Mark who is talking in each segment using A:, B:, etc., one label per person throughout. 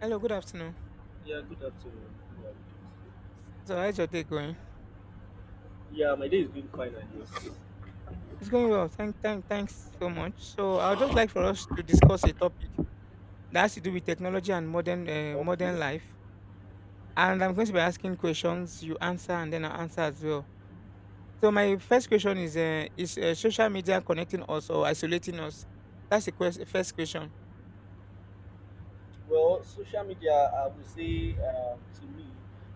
A: Hello, good afternoon.
B: Yeah, good afternoon. How are you?
A: So, how's your day going?
B: Yeah, my day is going fine, I guess.
A: It's going well. Thanks so much. So, I would just like for us to discuss a topic that has to do with technology and
B: Okay.
A: modern life. And I'm going to be asking questions. You answer, and then I will answer as well. So, my first question is: is social media connecting us or isolating us? That's the first question.
B: Well, social media, I would say, to me,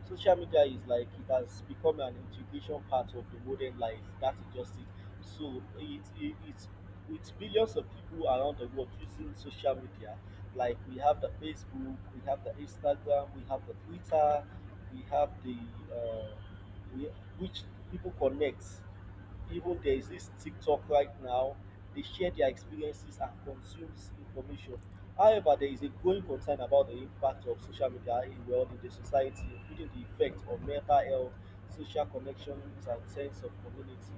B: social media is like it has become an integration part of the modern life. That is just it. So it's billions of people around the world using social media. Like we have the Facebook, we have the Instagram, we have the Twitter, we have the uh, we, which people connect, even there is this TikTok right now. They share their experiences and consumes information. However, there is a growing concern about the impact of social media in, well, in the society, including the effect on mental health, social connections, and sense of community.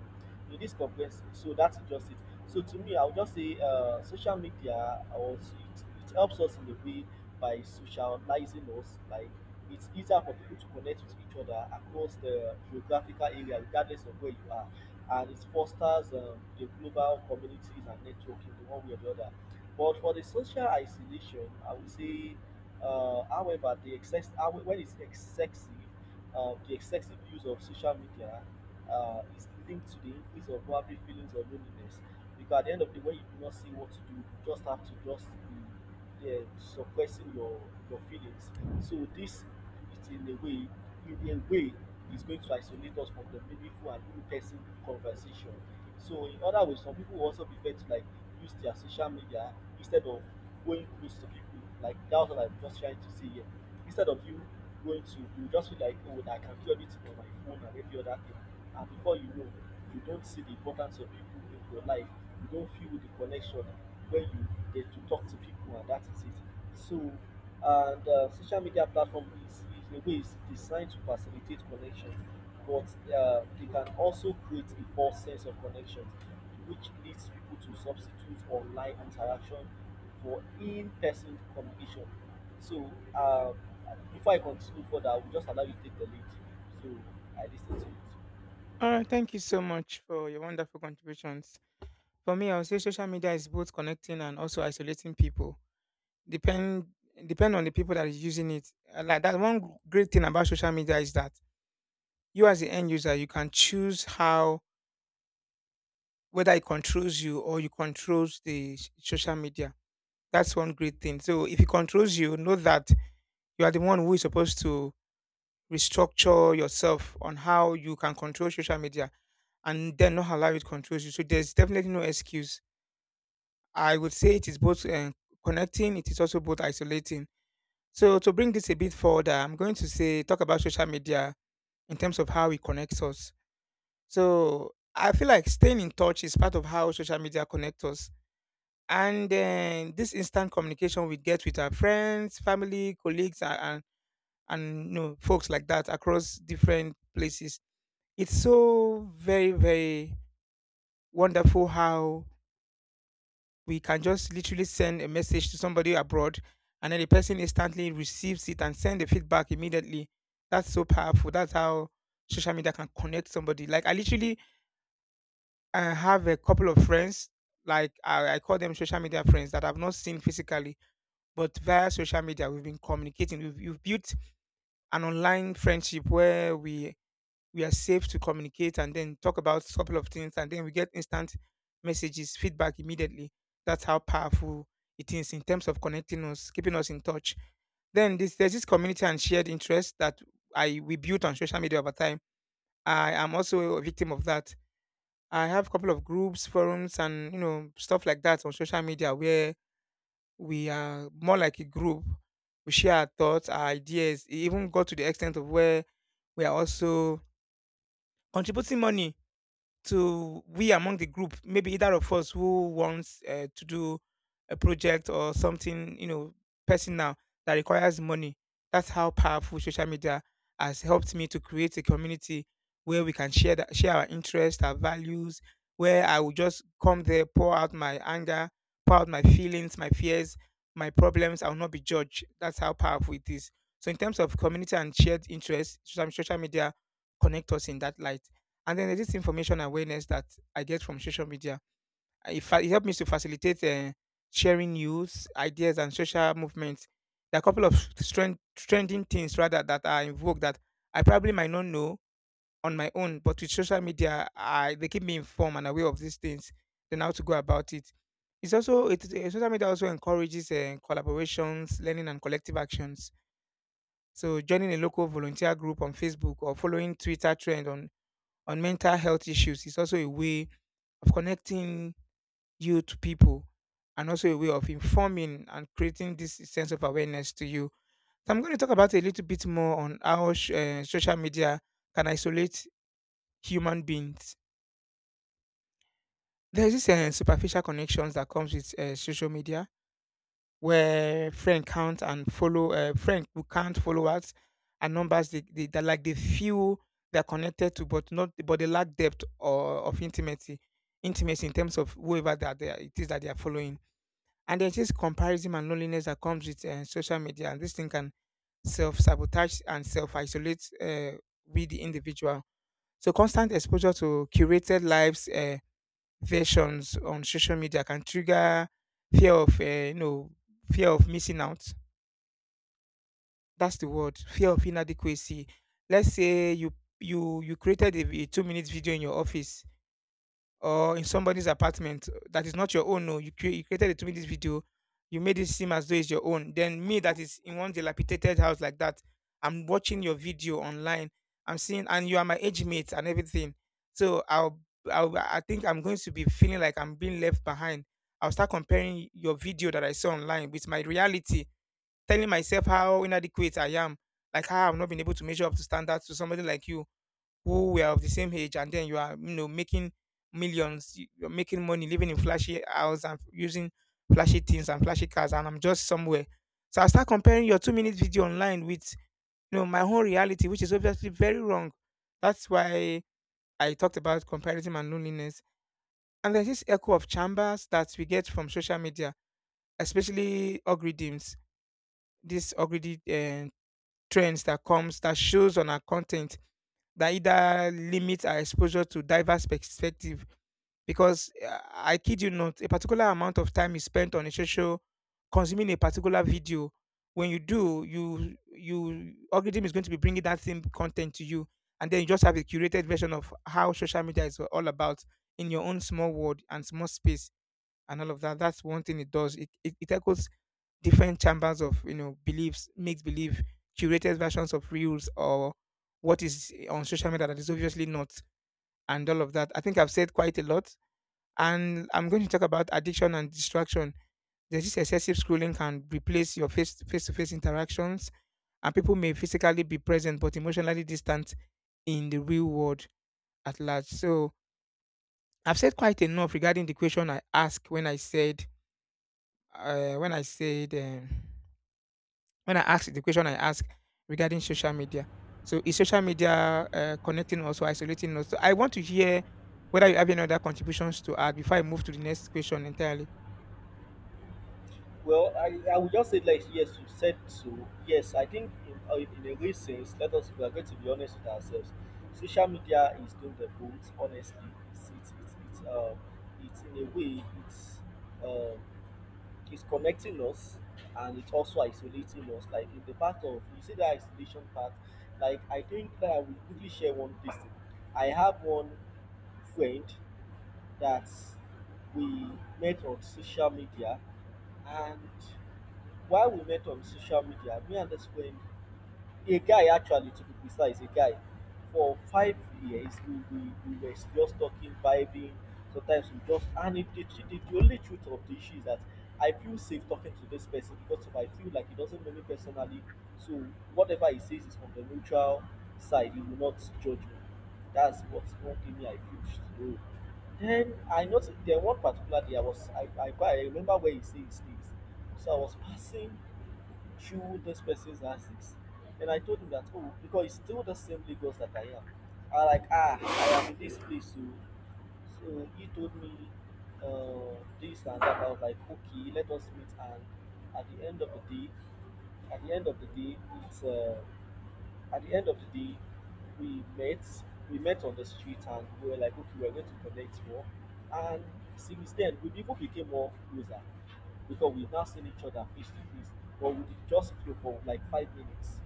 B: In this complex, so that's just it. So to me, I would just say, social media also it helps us in a way by socializing us. Like it's easier for people to connect with each other across the geographical area, regardless of where you are, and it fosters the global communities and networking in one way or the other. But for the social isolation, I would say, however, when it's excessive, the excessive use of social media is linked to the increase of probably feelings of loneliness. Because at the end of the day, when you do not see what to do, you just have to just be, yeah, suppressing your feelings. So this is in a way, is going to isolate us from the meaningful and in-person conversation. So in other ways, some people will also prefer to like use their social media instead of going close to people. Like that's what I'm just trying to say here. Instead of you going to, you just feel like, oh, I can do everything on my phone and every other thing, and before you know, you don't see the importance of people in your life. You don't feel the connection when you get to talk to people, and that is it. So and social media platform is in a way is designed to facilitate connection, but they can also create a false sense of connection which leads people to substitute online interaction for in-person communication. So um, before I continue further, I will just allow you to take the lead. So I listen to it.
A: All right. Thank you so much for your wonderful contributions. For me, I would say social media is both connecting and also isolating people. Depend depend on the people that is using it. Like that one great thing about social media is that you as the end user, you can choose how whether it controls you or you controls the social media. That's one great thing. So if it controls you, know that you are the one who is supposed to restructure yourself on how you can control social media and then not allow it controls you. So there's definitely no excuse. I would say it is both connecting, it is also both isolating. So to bring this a bit further, I'm going to say talk about social media in terms of how it connects us. So I feel like staying in touch is part of how social media connects us. And then this instant communication we get with our friends, family, colleagues, and folks like that across different places. It's so very, very wonderful how we can just literally send a message to somebody abroad and then the person instantly receives it and send the feedback immediately. That's so powerful. That's how social media can connect somebody. Like I literally have a couple of friends, like I call them social media friends that I've not seen physically, but via social media we've been communicating. We've built an online friendship where we are safe to communicate and then talk about a couple of things and then we get instant messages feedback immediately. That's how powerful it is in terms of connecting us, keeping us in touch. Then there's this community and shared interest that I we built on social media over time. I am also a victim of that. I have a couple of groups, forums, and you know, stuff like that on social media where we are more like a group. We share our thoughts, our ideas. It even got to the extent of where we are also contributing money to we among the group, maybe either of us who wants to do a project or something, you know, personal that requires money. That's how powerful social media has helped me to create a community where we can share share our interests, our values. Where I will just come there, pour out my anger, pour out my feelings, my fears, my problems. I will not be judged. That's how powerful it is. So, in terms of community and shared interests, social media connect us in that light. And then there's this information awareness that I get from social media. It helped me to facilitate sharing news, ideas, and social movements. There are a couple of trending things rather that are invoked that I probably might not know on my own, but with social media, I they keep me informed and aware of these things, then how to go about it. It's also it, eh, Social media also encourages collaborations, learning, and collective actions. So joining a local volunteer group on Facebook or following Twitter trend on mental health issues is also a way of connecting you to people and also a way of informing and creating this sense of awareness to you. So I'm going to talk about a little bit more on how social media can isolate human beings. There's this superficial connections that comes with social media where friend count and follow friend who count followers and numbers, they that like they feel they're connected to, but not but they lack depth or of intimacy in terms of whoever that they are, it is that they are following. And there's this comparison and loneliness that comes with social media, and this thing can self-sabotage and self-isolate with the individual. So constant exposure to curated lives versions on social media can trigger fear of fear of missing out. That's the word, fear of inadequacy. Let's say you created a 2 minutes video in your office or in somebody's apartment that is not your own. No, you created a 2 minutes video. You made it seem as though it's your own. Then me that is in one dilapidated house like that, I'm watching your video online. I'm seeing, and you are my age mate and everything. So I'll I think I'm going to be feeling like I'm being left behind. I'll start comparing your video that I saw online with my reality, telling myself how inadequate I am, like how I've not been able to measure up to standards to somebody like you who were of the same age, and then you are, you know, making millions, you're making money, living in flashy house and using flashy things and flashy cars, and I'm just somewhere. So I start comparing your two-minute video online with, you know, my own reality, which is obviously very wrong. That's why I talked about comparison and loneliness. And there's this echo of chambers that we get from social media, especially algorithms, these algorithm trends that comes that shows on our content that either limits our exposure to diverse perspective, because I kid you not, a particular amount of time is spent on a social consuming a particular video. When you do you you algorithm is going to be bringing that same content to you, and then you just have a curated version of how social media is all about in your own small world and small space and all of that. That's one thing it does. It echoes different chambers of, you know, beliefs, makes believe, curated versions of reels or what is on social media that is obviously not, and all of that. I think I've said quite a lot, and I'm going to talk about addiction and distraction. There's this excessive scrolling can replace your face to face interactions, and people may physically be present but emotionally distant in the real world at large. So I've said quite enough regarding the question I asked when I said uh, when I said. Um, When I asked the question I asked regarding social media. So is social media connecting us or isolating us? So I want to hear whether you have any other contributions to add before I move to the next question entirely.
B: Well, I would just say, like, yes, you said so. Yes, I think in a real sense, let us we are going to be honest with ourselves. Social media is doing the boat. Honestly, it's it's it's, it's um it's in a way, um It's connecting us, and it's also isolating us. Like in the part of you see the isolation part, like I think that I will quickly share one thing. I have one friend that we met on social media, and while we met on social media, me and this friend, a guy, actually, to be precise, a guy, for 5 years we were just talking, vibing. Sometimes we just the only truth of the issue is that I feel safe talking to this person because if I feel like he doesn't know me personally, so whatever he says is from the neutral side, he will not judge me. That's what one thing, me, I feel slow. Then I noticed, then one particular day, I was I buy I remember where he say he stays. So I was passing through those person's antics. Then I told him that, oh, because it's still the same Lagos that I am. I like, I am in this place. So he told me uh, this and that. I was like, okay, let us meet. And at the end of the day, at the end of the day, it's. At the end of the day, we met. We met on the street and we were like, okay, we're going to connect more. And since then, we even became more closer because we've now seen each other face to face. But we did just video for like 5 minutes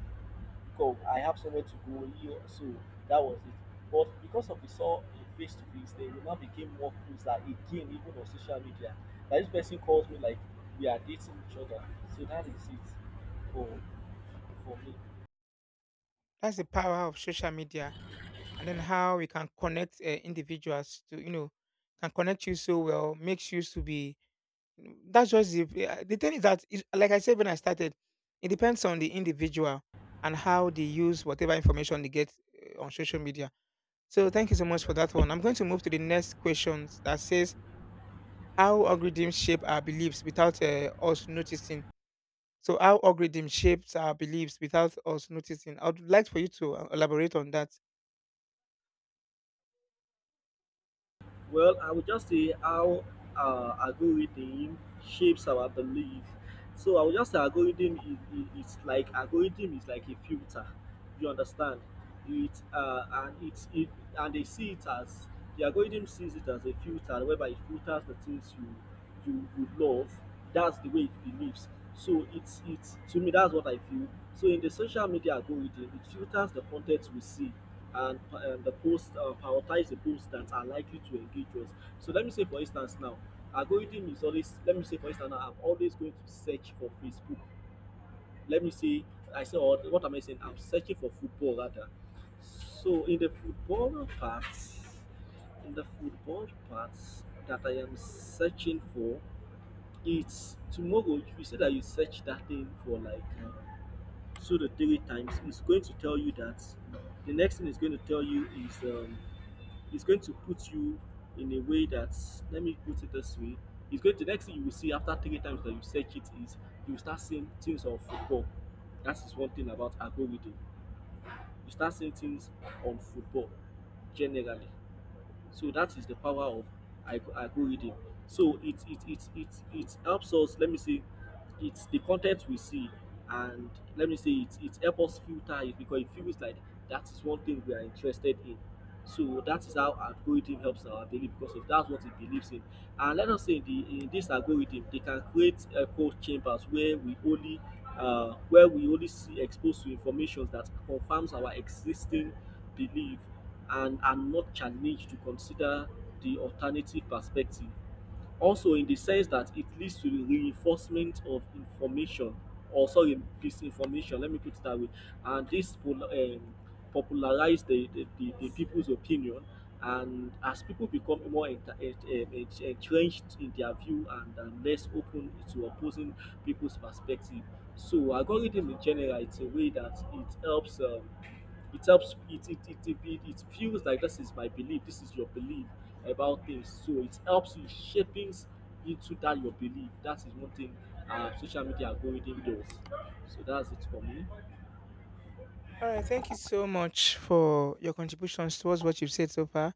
B: because I have somewhere to go here, so that was it. But because of we saw a face to face, then we now became more closer again, even on social media. Like this person calls me like we are dating each other, so that is it for for me.
A: That's the power of social media and then how we can connect individuals to, you know, can connect you so well, makes you to be. That's just the thing is that, is, like I said when I started, it depends on the individual and how they use whatever information they get on social media. So thank you so much for that one. I'm going to move to the next questions that says how algorithms shape our beliefs without us noticing. So how algorithm shapes our beliefs without us noticing. I would like for you to elaborate on that.
B: Well, I would just say how algorithm shapes our belief. So I would just say algorithm is like algorithm is like a filter. You understand? It and they see it as the algorithm sees it as a filter whereby it filters the things you love. That's the way it believes. So it's to me, that's what I feel. So in the social media algorithm, it filters the content we see, and the post prioritize the posts that are likely to engage us. So let me say, for instance, now algorithm is always. Let me say, for instance, now, I'm always going to search for Facebook. Let me see. I say, what am I saying? I'm searching for football rather. So in the football parts that I am searching for, it's tomorrow. If you say that you search that thing for like two to three times, it's going to tell you that the next thing it's going to tell you is it's going to put you in a way that, let me put it this way, it's going to, next thing you will see after three times that you search it is you will start seeing things on football. That is one thing about algorithm. You start seeing things on football generally. So that is the power of algorithm. So it helps us. Let me say, it's the content we see, and let me say it helps us filter it because it feels like that is one thing we are interested in. So that is how algorithm helps our daily because of that's what it believes in. And let us say in this algorithm, they can create echo chambers where we only see exposed to information that confirms our existing belief and are not challenged to consider the alternative perspective. Also, in the sense that it leads to the reinforcement of information, or sorry, disinformation, let me put it that way, and this will popularize the people's opinion. And as people become more entrenched in their view, and less open to opposing people's perspective, so algorithm in general, it's a way that it helps, it helps it feels like this is my belief, this is your belief about things, so it helps you shaping into that your belief. That is one thing social media algorithm does. So that's it for me.
A: All right, thank you so much for your contributions towards what you've said so far.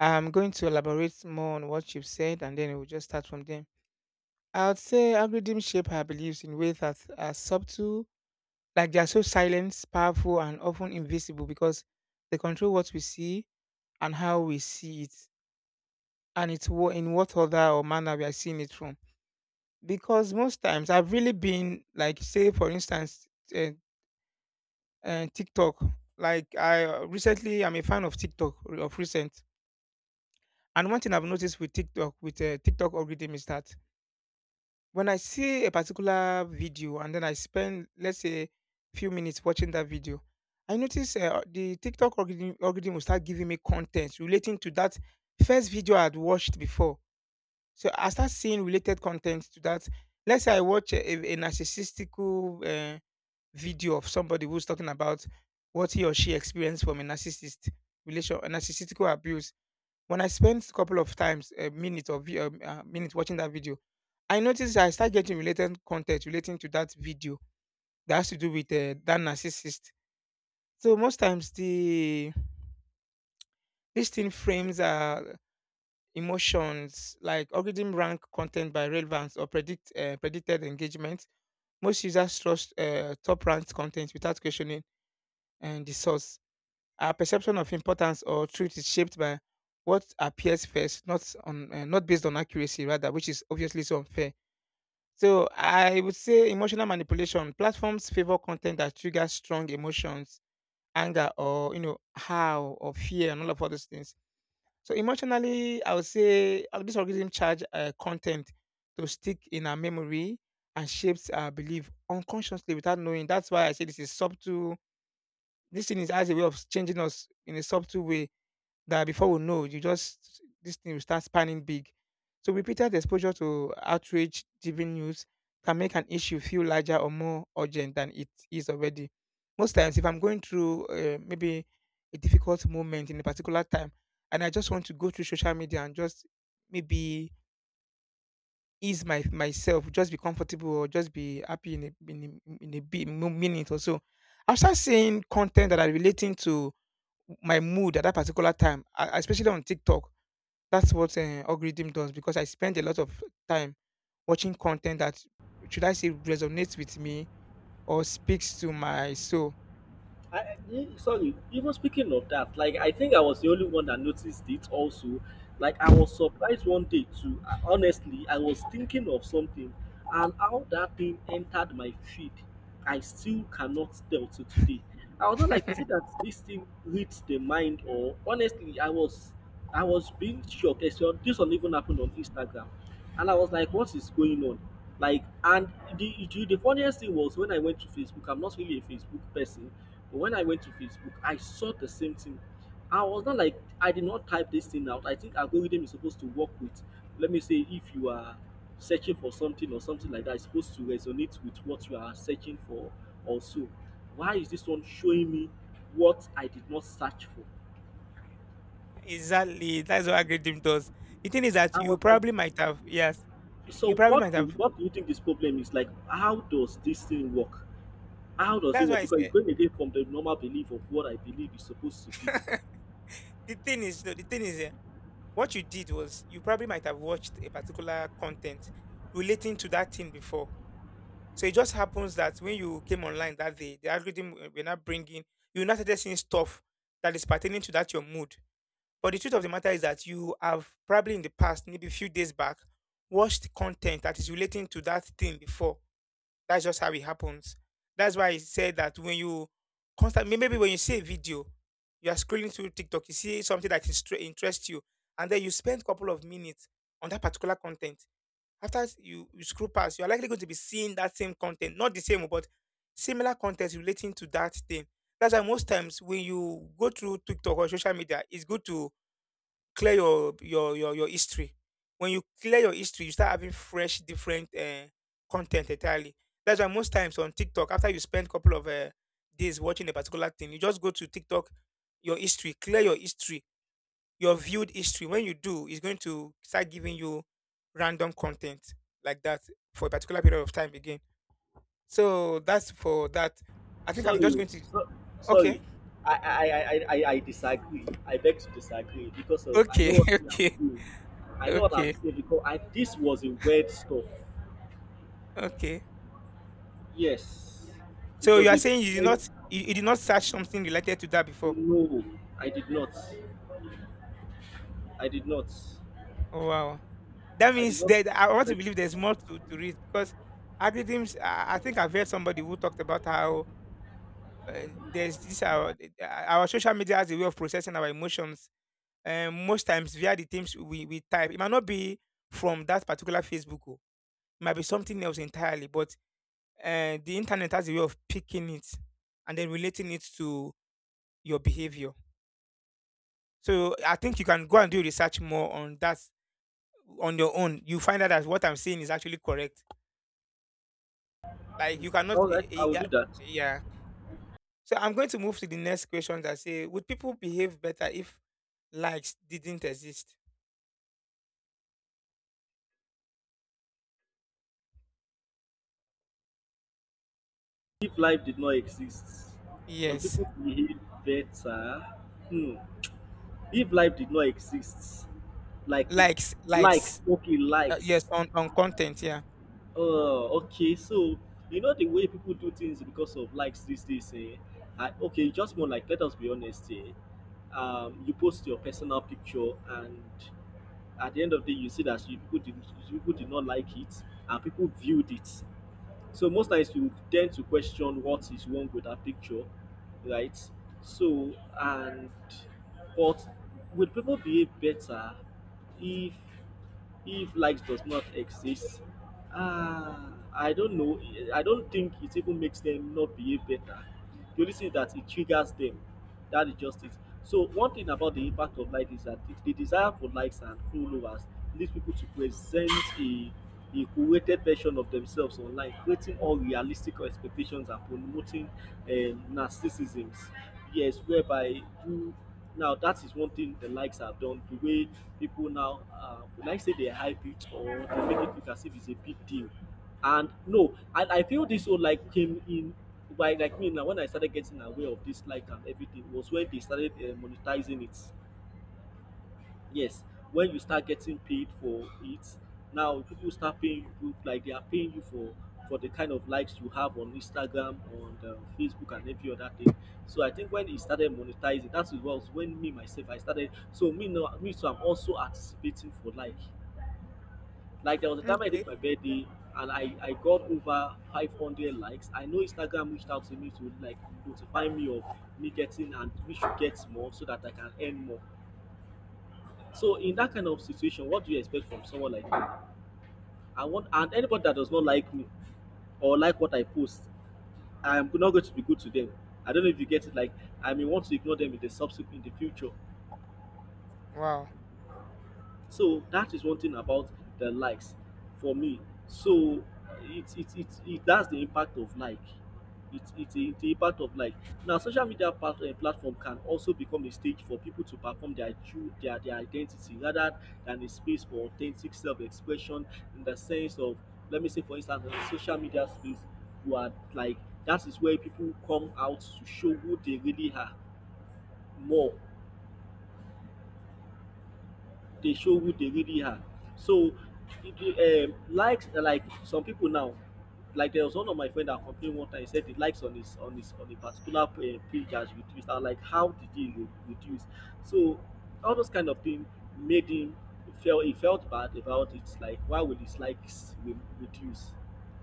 A: I'm going to elaborate more on what you've said and then we'll just start from there. I would say algorithms shape our beliefs in ways that are subtle. Like they are so silent, powerful, and often invisible because they control what we see and how we see it, and it's in what order or manner we are seeing it from. Because most times I've really been like, say for instance, uh, TikTok. Like I recently, I'm a fan of TikTok of recent, and one thing I've noticed with TikTok algorithm is that when I see a particular video and then I spend, let's say, few minutes watching that video, I notice the TikTok algorithm will start giving me content relating to that first video I had watched before. So I start seeing related content to that. Let's say I watch a narcissistical video of somebody who's talking about what he or she experienced from a narcissist relation, a narcissistical abuse. When I spent a couple of times, a minute or minute watching that video, I noticed I start getting related content relating to that video that has to do with that narcissist. So most times the this thing frames emotions, like algorithm rank content by relevance or predicted engagement. Most users trust top ranked content without questioning and the source. Our perception of importance or truth is shaped by what appears first, not on not based on accuracy, rather, which is obviously so unfair. So I would say emotional manipulation. Platforms favor content that triggers strong emotions, anger, or you know, how or fear, and all those things. So emotionally, I would say this algorithm charge content to stick in our memory and shapes our belief unconsciously without knowing. That's why I say this is subtle. This thing is as a way of changing us in a subtle way that before we know, you just this thing will start spanning big. So repeated exposure to outrage driven news can make an issue feel larger or more urgent than it is already. Most times, if I'm going through maybe a difficult moment in a particular time, and I just want to go through social media and just maybe ease my myself, just be comfortable or just be happy in a bit, minute or so, I'll start seeing content that are relating to my mood at that particular time, especially on TikTok. That's what algorithm does because I spend a lot of time watching content that, should I say, resonates with me or speaks to my soul.
B: Sorry, even speaking of that, like I think I was the only one that noticed it also. Like I was surprised one day too. Honestly, I was thinking of something and how that thing entered my feed. I still cannot tell to today. I was not like, is it that this thing reads the mind, or honestly I was being shocked. This one even happened on Instagram. And I was like, what is going on? Like, and the funniest thing was when I went to Facebook, I'm not really a Facebook person, but when I went to Facebook, I saw the same thing. I was not like, I did not type this thing out. I think algorithm is supposed to work with, let me say, if you are searching for something or something like that, it's supposed to resonate with what you are searching for also. Why is this one showing me what I did not search for?
A: Exactly. That's what algorithm does. The thing is that
B: I
A: you
B: was like,
A: probably might have, yes, you
B: so
A: probably might
B: what do
A: have.
B: what do you think this problem is like? How does this thing work? How does it
A: That's why
B: work?
A: I
B: Because
A: said
B: it's going again from the normal belief of what I believe is supposed to be.
A: the thing is no, the thing is what you did was you probably might have watched a particular content relating to that thing before. So it just happens that when you came online that day, the were not bringing, you now started seeing stuff that is pertaining to that your mood. But the truth of the matter is that you have probably in the past, maybe a few days back, watched content that is relating to that thing before. That's just how it happens. That's why I said that when you constantly, maybe when you see a video, you are scrolling through TikTok, you see something that interests you, and then you spend a couple of minutes on that particular content. After you scroll past, you are likely going to be seeing that same content, not the same, but similar content relating to that thing. That's why most times when you go through TikTok or social media, it's good to clear your history. When you clear your history, you start having fresh, different content entirely. That's why most times on TikTok, after you spend a couple of days watching a particular thing, you just go to TikTok, your history, clear your history, your viewed history. When you do, it's going to start giving you random content like that for a particular period of time again. So that's for that. I think I'm
B: Sorry,
A: just going
B: oh,
A: to
B: so,
A: okay,
B: sorry, I disagree. I beg to disagree because of I know
A: okay,
B: what I'm
A: okay,
B: saying. I know what I'm
A: okay,
B: saying because this was a weird stuff.
A: okay.
B: Yes, it
A: So you
B: was
A: are
B: a
A: saying you did
B: very
A: not you did not search something related to that before?
B: no. I did not. I did not.
A: Oh wow, that
B: I did
A: means
B: not.
A: that I want to
B: search-
A: believe there's more to read because algorithms. I think I've heard somebody who talked about how uh, there's this our social media has a way of processing our emotions. Most times via the things we type, it might not be from that particular Facebook. Oh. It might be something else entirely, but the internet has a way of picking it and then relating it to your behavior. So I think you can go and do research more on that on your own, you find out that what I'm saying is actually correct. Like you cannot,
B: I would
A: yeah.
B: do that.
A: Yeah. So I'm going to move to the next question that say, would people behave better if likes didn't exist?
B: If life did not exist, will
A: Yes,
B: people behave better? Hmm. If life did not exist, like likes,
A: likes.
B: okay,
A: Yes,
B: likes.
A: on content. Yeah.
B: Okay, so you know the way people do things because of likes these days, eh? Okay, just more like, let us be honest here. You post your personal picture, and at the end of the day, you see that you people did not like it, and people viewed it. So most times you tend to question what is wrong with that picture, right? So and but would people behave better if likes does not exist? uh, I don't know. I don't think it even makes them not behave better. The only thing is that it triggers them. That is just it. So one thing about the impact of like is that the desire for likes and followers leads people to present a a curated version of themselves online, creating unrealistic expectations and promoting narcissisms. Yes, whereby you. Now that is one thing the likes have done. The way people now, would I say, they hype it or they make it look as if it's a big deal. And no, and I feel this whole like came in by, like, me now. When I started getting aware of this like and everything was when they started monetizing it. Yes, when you start getting paid for it, now people start paying you, like they are paying you for the kind of likes you have on Instagram, on Facebook, and every other thing. So I think when it started monetizing, that's what was when me myself I started. So me now me, so I'm also anticipating for like there was a time I
A: Okay.
B: did my birthday and I got over 500 likes. I know Instagram reached out to me to, like, notify me of me getting and we should get more so that I can earn more. So in that kind of situation, what do you expect from someone like me? I want and anybody that does not like me or like what I post, I'm not going to be good to them. I don't know if you get it. Like, I may want to ignore them in the subsequent in the future.
A: Wow.
B: So that is one thing about the likes for me. So that's the impact of like. The impact of like. Now social media platform can also become a stage for people to perform their true their identity rather than a space for authentic self-expression. In the sense of, let me say, for instance, in the social media space, you are like, that is where people come out to show who they really are more. Dey show who they really are. So, likes, like some people now, like there was one of my friend that complained one time. He said the likes on his on a particular page has reduced. I'm like, how did he reduce? So, all those kind of thing made him feel. He felt bad about it. Like, why would his likes reduce?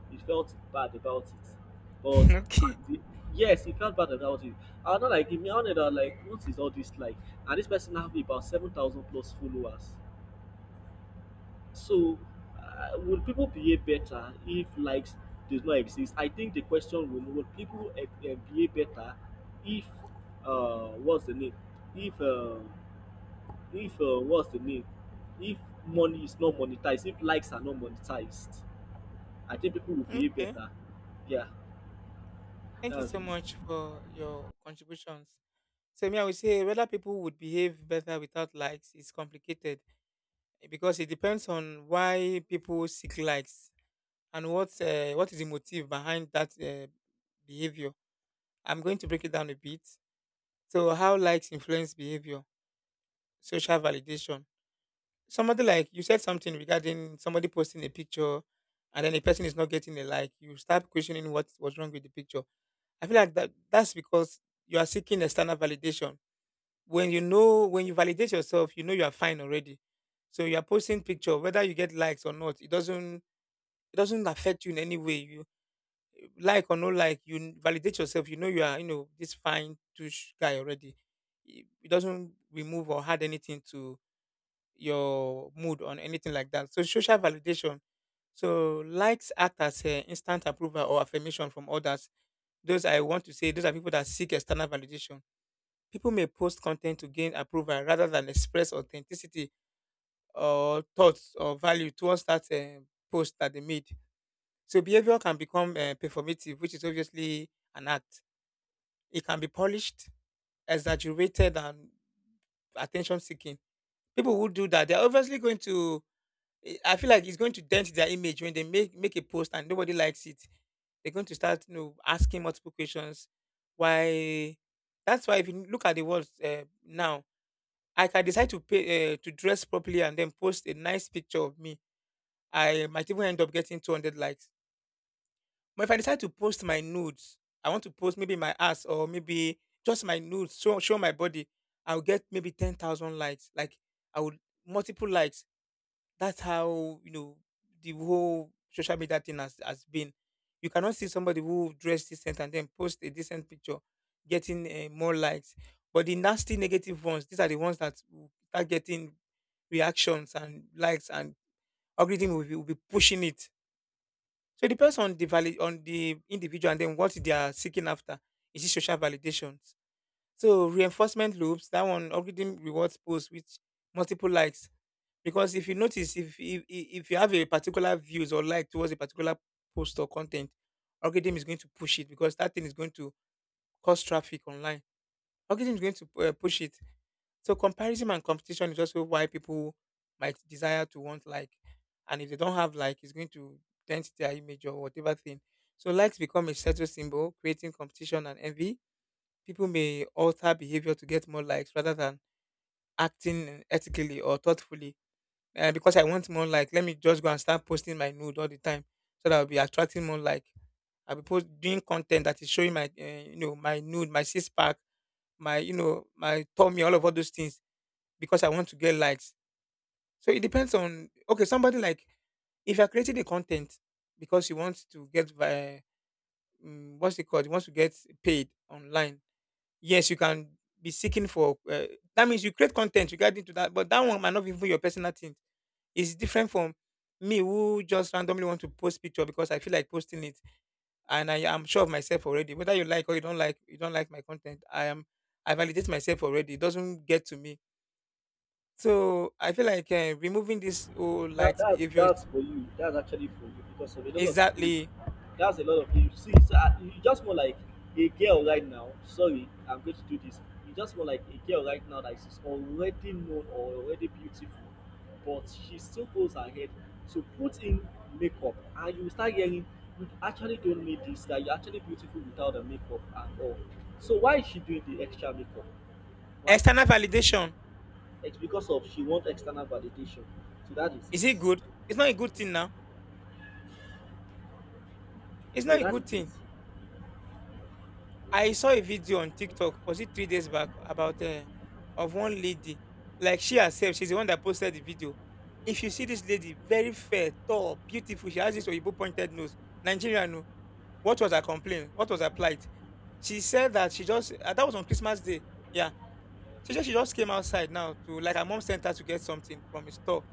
B: He felt bad about it. But
A: Okay.
B: at the, yes, he felt bad about it. I'm not like him. I'm not like, what is all this like? And this person have about 7,000 plus followers. So will people behave better if likes does not exist? I think the question, will people behave better if what's the name? If uh, if what's the name? If money is not monetized, if likes are not monetized, I think people will behave
A: Okay.
B: better. Yeah.
A: Thank you
B: That's
A: so
B: it.
A: much for your contributions. So me, I would say whether people would behave better without likes is complicated, eh, because it depends on why people seek likes and what is the motive behind that behavior. I'm going to break it down a bit. So how likes influence behavior. Social validation. Somebody, like you said something regarding somebody posting a picture and then a person is not getting a like, you start questioning what was wrong with the picture. I feel like that's because you are seeking external validation. When you know, when you validate yourself, you know you are fine already. So you are posting picture, whether you get likes or not, it doesn't, it doesn't affect you in any way. You like or no like, you validate yourself. You know you are, you know, this fine touch guy already. It doesn't remove or add anything to your mood or anything like that. So social validation. So likes act as a instant approval or affirmation from others. Those, I want to say, those are people that seek external validation. People may post content to gain approval rather than express authenticity or thoughts or value towards that post that they made. So behavior can become performative, which is obviously an act. It can be polished, exaggerated, and attention seeking. People who do that, they're obviously going to. Eh, I feel like it's going to dent their image when they make a post and nobody likes it. They're going to start, you know, asking multiple questions. Why? That's why if you look at the world now, I can decide to pay to dress properly and then post a nice picture of me. I might even end up getting 200 likes. But if I decide to post my nudes, I want to post maybe my ass or maybe just my nudes, show my body, I'll get maybe 10,000 likes. Like, I would multiple likes. That's how, you know, the whole social media thing has been. You cannot see somebody who dressed decent and then post a decent picture getting more likes. But the nasty negative ones, these are the ones that will start getting reactions and likes, and algorithm will be pushing it. So it depends on the valid on the individual and then what they are seeking after. Is it social validations? So reinforcement loops, that one algorithm rewards posts with multiple likes. Because if you notice, if you have a particular views or like towards a particular post or content, algorithm is going to push it because that thing is going to cause traffic online. Algorithm is going to push it. So comparison and competition is also why people might desire to want like, and if they don't have like, it's going to dent their image or whatever thing. So likes become a status symbol, creating competition and envy. People may alter behavior to get more likes rather than acting ethically or thoughtfully. Because I want more like, let me just go and start posting my nude all the time, so that I'll be attracting more like. I'll be doing content that is showing my, you know, my nude, my six pack, my, you know, my tummy, all those things because I want to get likes. So it depends on, okay, somebody like, if you're creating the content because you want to get by. Mm, what's it called? You want to get paid online. Yes, you can be seeking for. That means you create content regarding to that, but that one might not be even your personal thing. It's different from me who just randomly want to post picture because I feel like posting it, and I am sure of myself already. Whether you like or you don't like my content. I am, I validate myself already. It doesn't get to me. So I feel like removing this whole
B: That,
A: likes
B: that
A: behaviors
B: that's for you. That's actually for you because of a lot of people.
A: exactly
B: That's a lot of you see. So you just more like a girl right now. Sorry, I'm going to do this. You just more like a girl right now that is already known or already beautiful, but she still goes ahead to put in makeup, and you start hearing you actually don't need this. That you're actually beautiful without the makeup at all. So why is she doing the extra makeup? Why?
A: external validation.
B: It's because of she wants external validation. So that is
A: Is it
B: it.
A: good? It's not a good thing now. It's
B: So
A: not a
B: that
A: good thing. I saw a video on TikTok. Was it 3 days back about of one lady? Like she herself, she's the one that posted the video. If you see this lady, very fair, tall, beautiful, she has this Oyibo pointed nose. Nigerian, no. What was her complaint? What was her plight? She said that she just that was on Christmas Day. Yeah, she just, she just came outside now to like her mom sent her to get something from a store.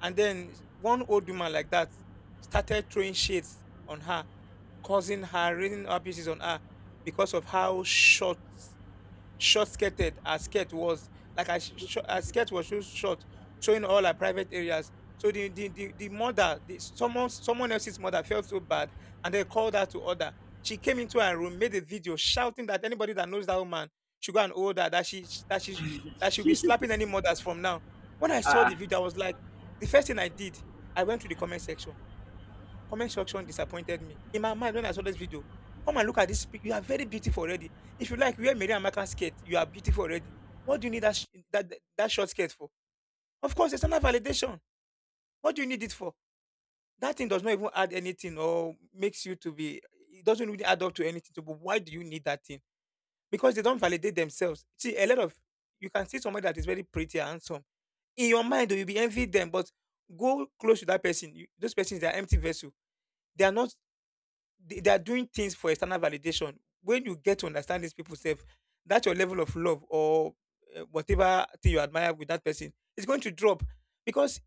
A: And then one old woman like that started throwing shades on her, causing her, raining abuses on her because of how short short skirted her skirt was, like her, her skirt was so short, showing all her private areas. So the mother, the, someone else's mother felt so bad and they called her to order. She came into her room, made a video shouting that anybody that knows that woman should go and hold her, that she'll be
B: is it.
A: slapping any mothers from now. When I saw the
B: Ah,
A: video, I was like, the first thing I did, I went to the comment section. Comment section disappointed me. In my mind, when I saw this video, come and look at this. You are very beautiful already. If you like, wear Mary and Martha skirt. You are beautiful already. What do you need that, that short skirt for? Of course, it's not validation. What do you need it for? That thing does not even add anything or makes you to be, it doesn't really add up to anything. To, but why do you need that thing? Because they don't validate themselves. See, a lot of, you can see somebody that is very pretty and handsome. In your mind, though, you'll be envy them, but go close to that person. You, those persons, they are empty vessel. They are not, they are doing things for external validation. When you get to understand these people self, that your level of love or whatever thing you admire with that person is going to drop because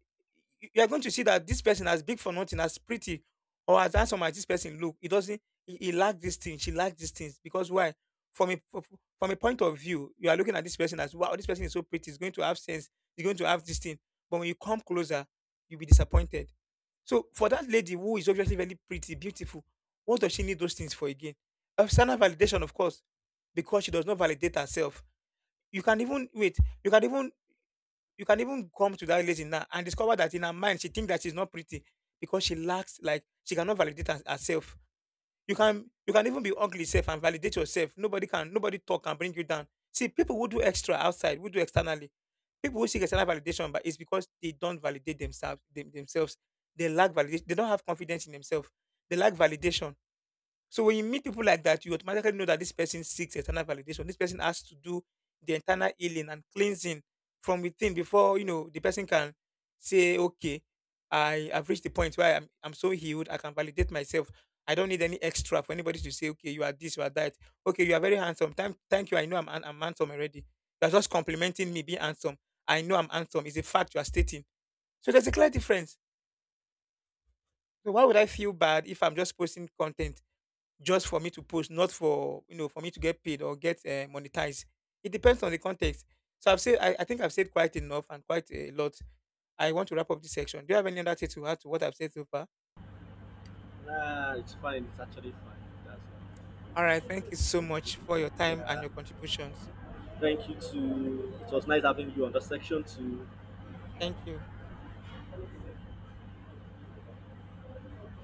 A: you are going to see that this person as big for nothing, as pretty or as handsome as this person look, it doesn't. He lack this thing. She lack these things because why? From a f- from a point of view, you are looking at this person as wow, this person is so pretty. He's going to have sense. He's going to have this thing. But when you come closer, you'll be disappointed. So for that lady who is obviously very pretty, beautiful, what does she need those things for again? External validation, of course, because she does not validate herself. You can even wait. You can even you can even come to that lady now and discover that in her mind she thinks that she's not pretty because she lacks, like, she cannot validate herself. You can even be ugly self and validate yourself. Nobody talk and bring you down. See, people who do extra outside, who do externally, people who seek external validation, but it's because they don't validate themselves. They lack validation. They don't have confidence in themselves. They lack validation. So when you meet people like that, you automatically know that this person seeks external validation. This person has to do the internal healing and cleansing from within before, you know, the person can say, okay, I have reached the point where I'm so healed, I can validate myself. I don't need any extra for anybody to say, okay, you are this, you are that. Okay, you are very handsome. Thank you. I know I'm handsome already. You're just complimenting me being handsome. I know I'm handsome. It's a fact you are stating. So there's a clear difference. So why would I feel bad if I'm just posting content? Just for me to post, not for, for me to get paid or get monetized. It depends on the context. So I've said, I think I've said quite enough and quite a lot. I want to wrap up this section. Do you have any other thing to add to what I've said so far?
B: ah, nah, it's fine. It's actually fine. That's all.
A: All right, thank you so much for your time and
B: Yeah.
A: your contributions.
B: Thank you to. It was nice having you on the section too.
A: Thank you.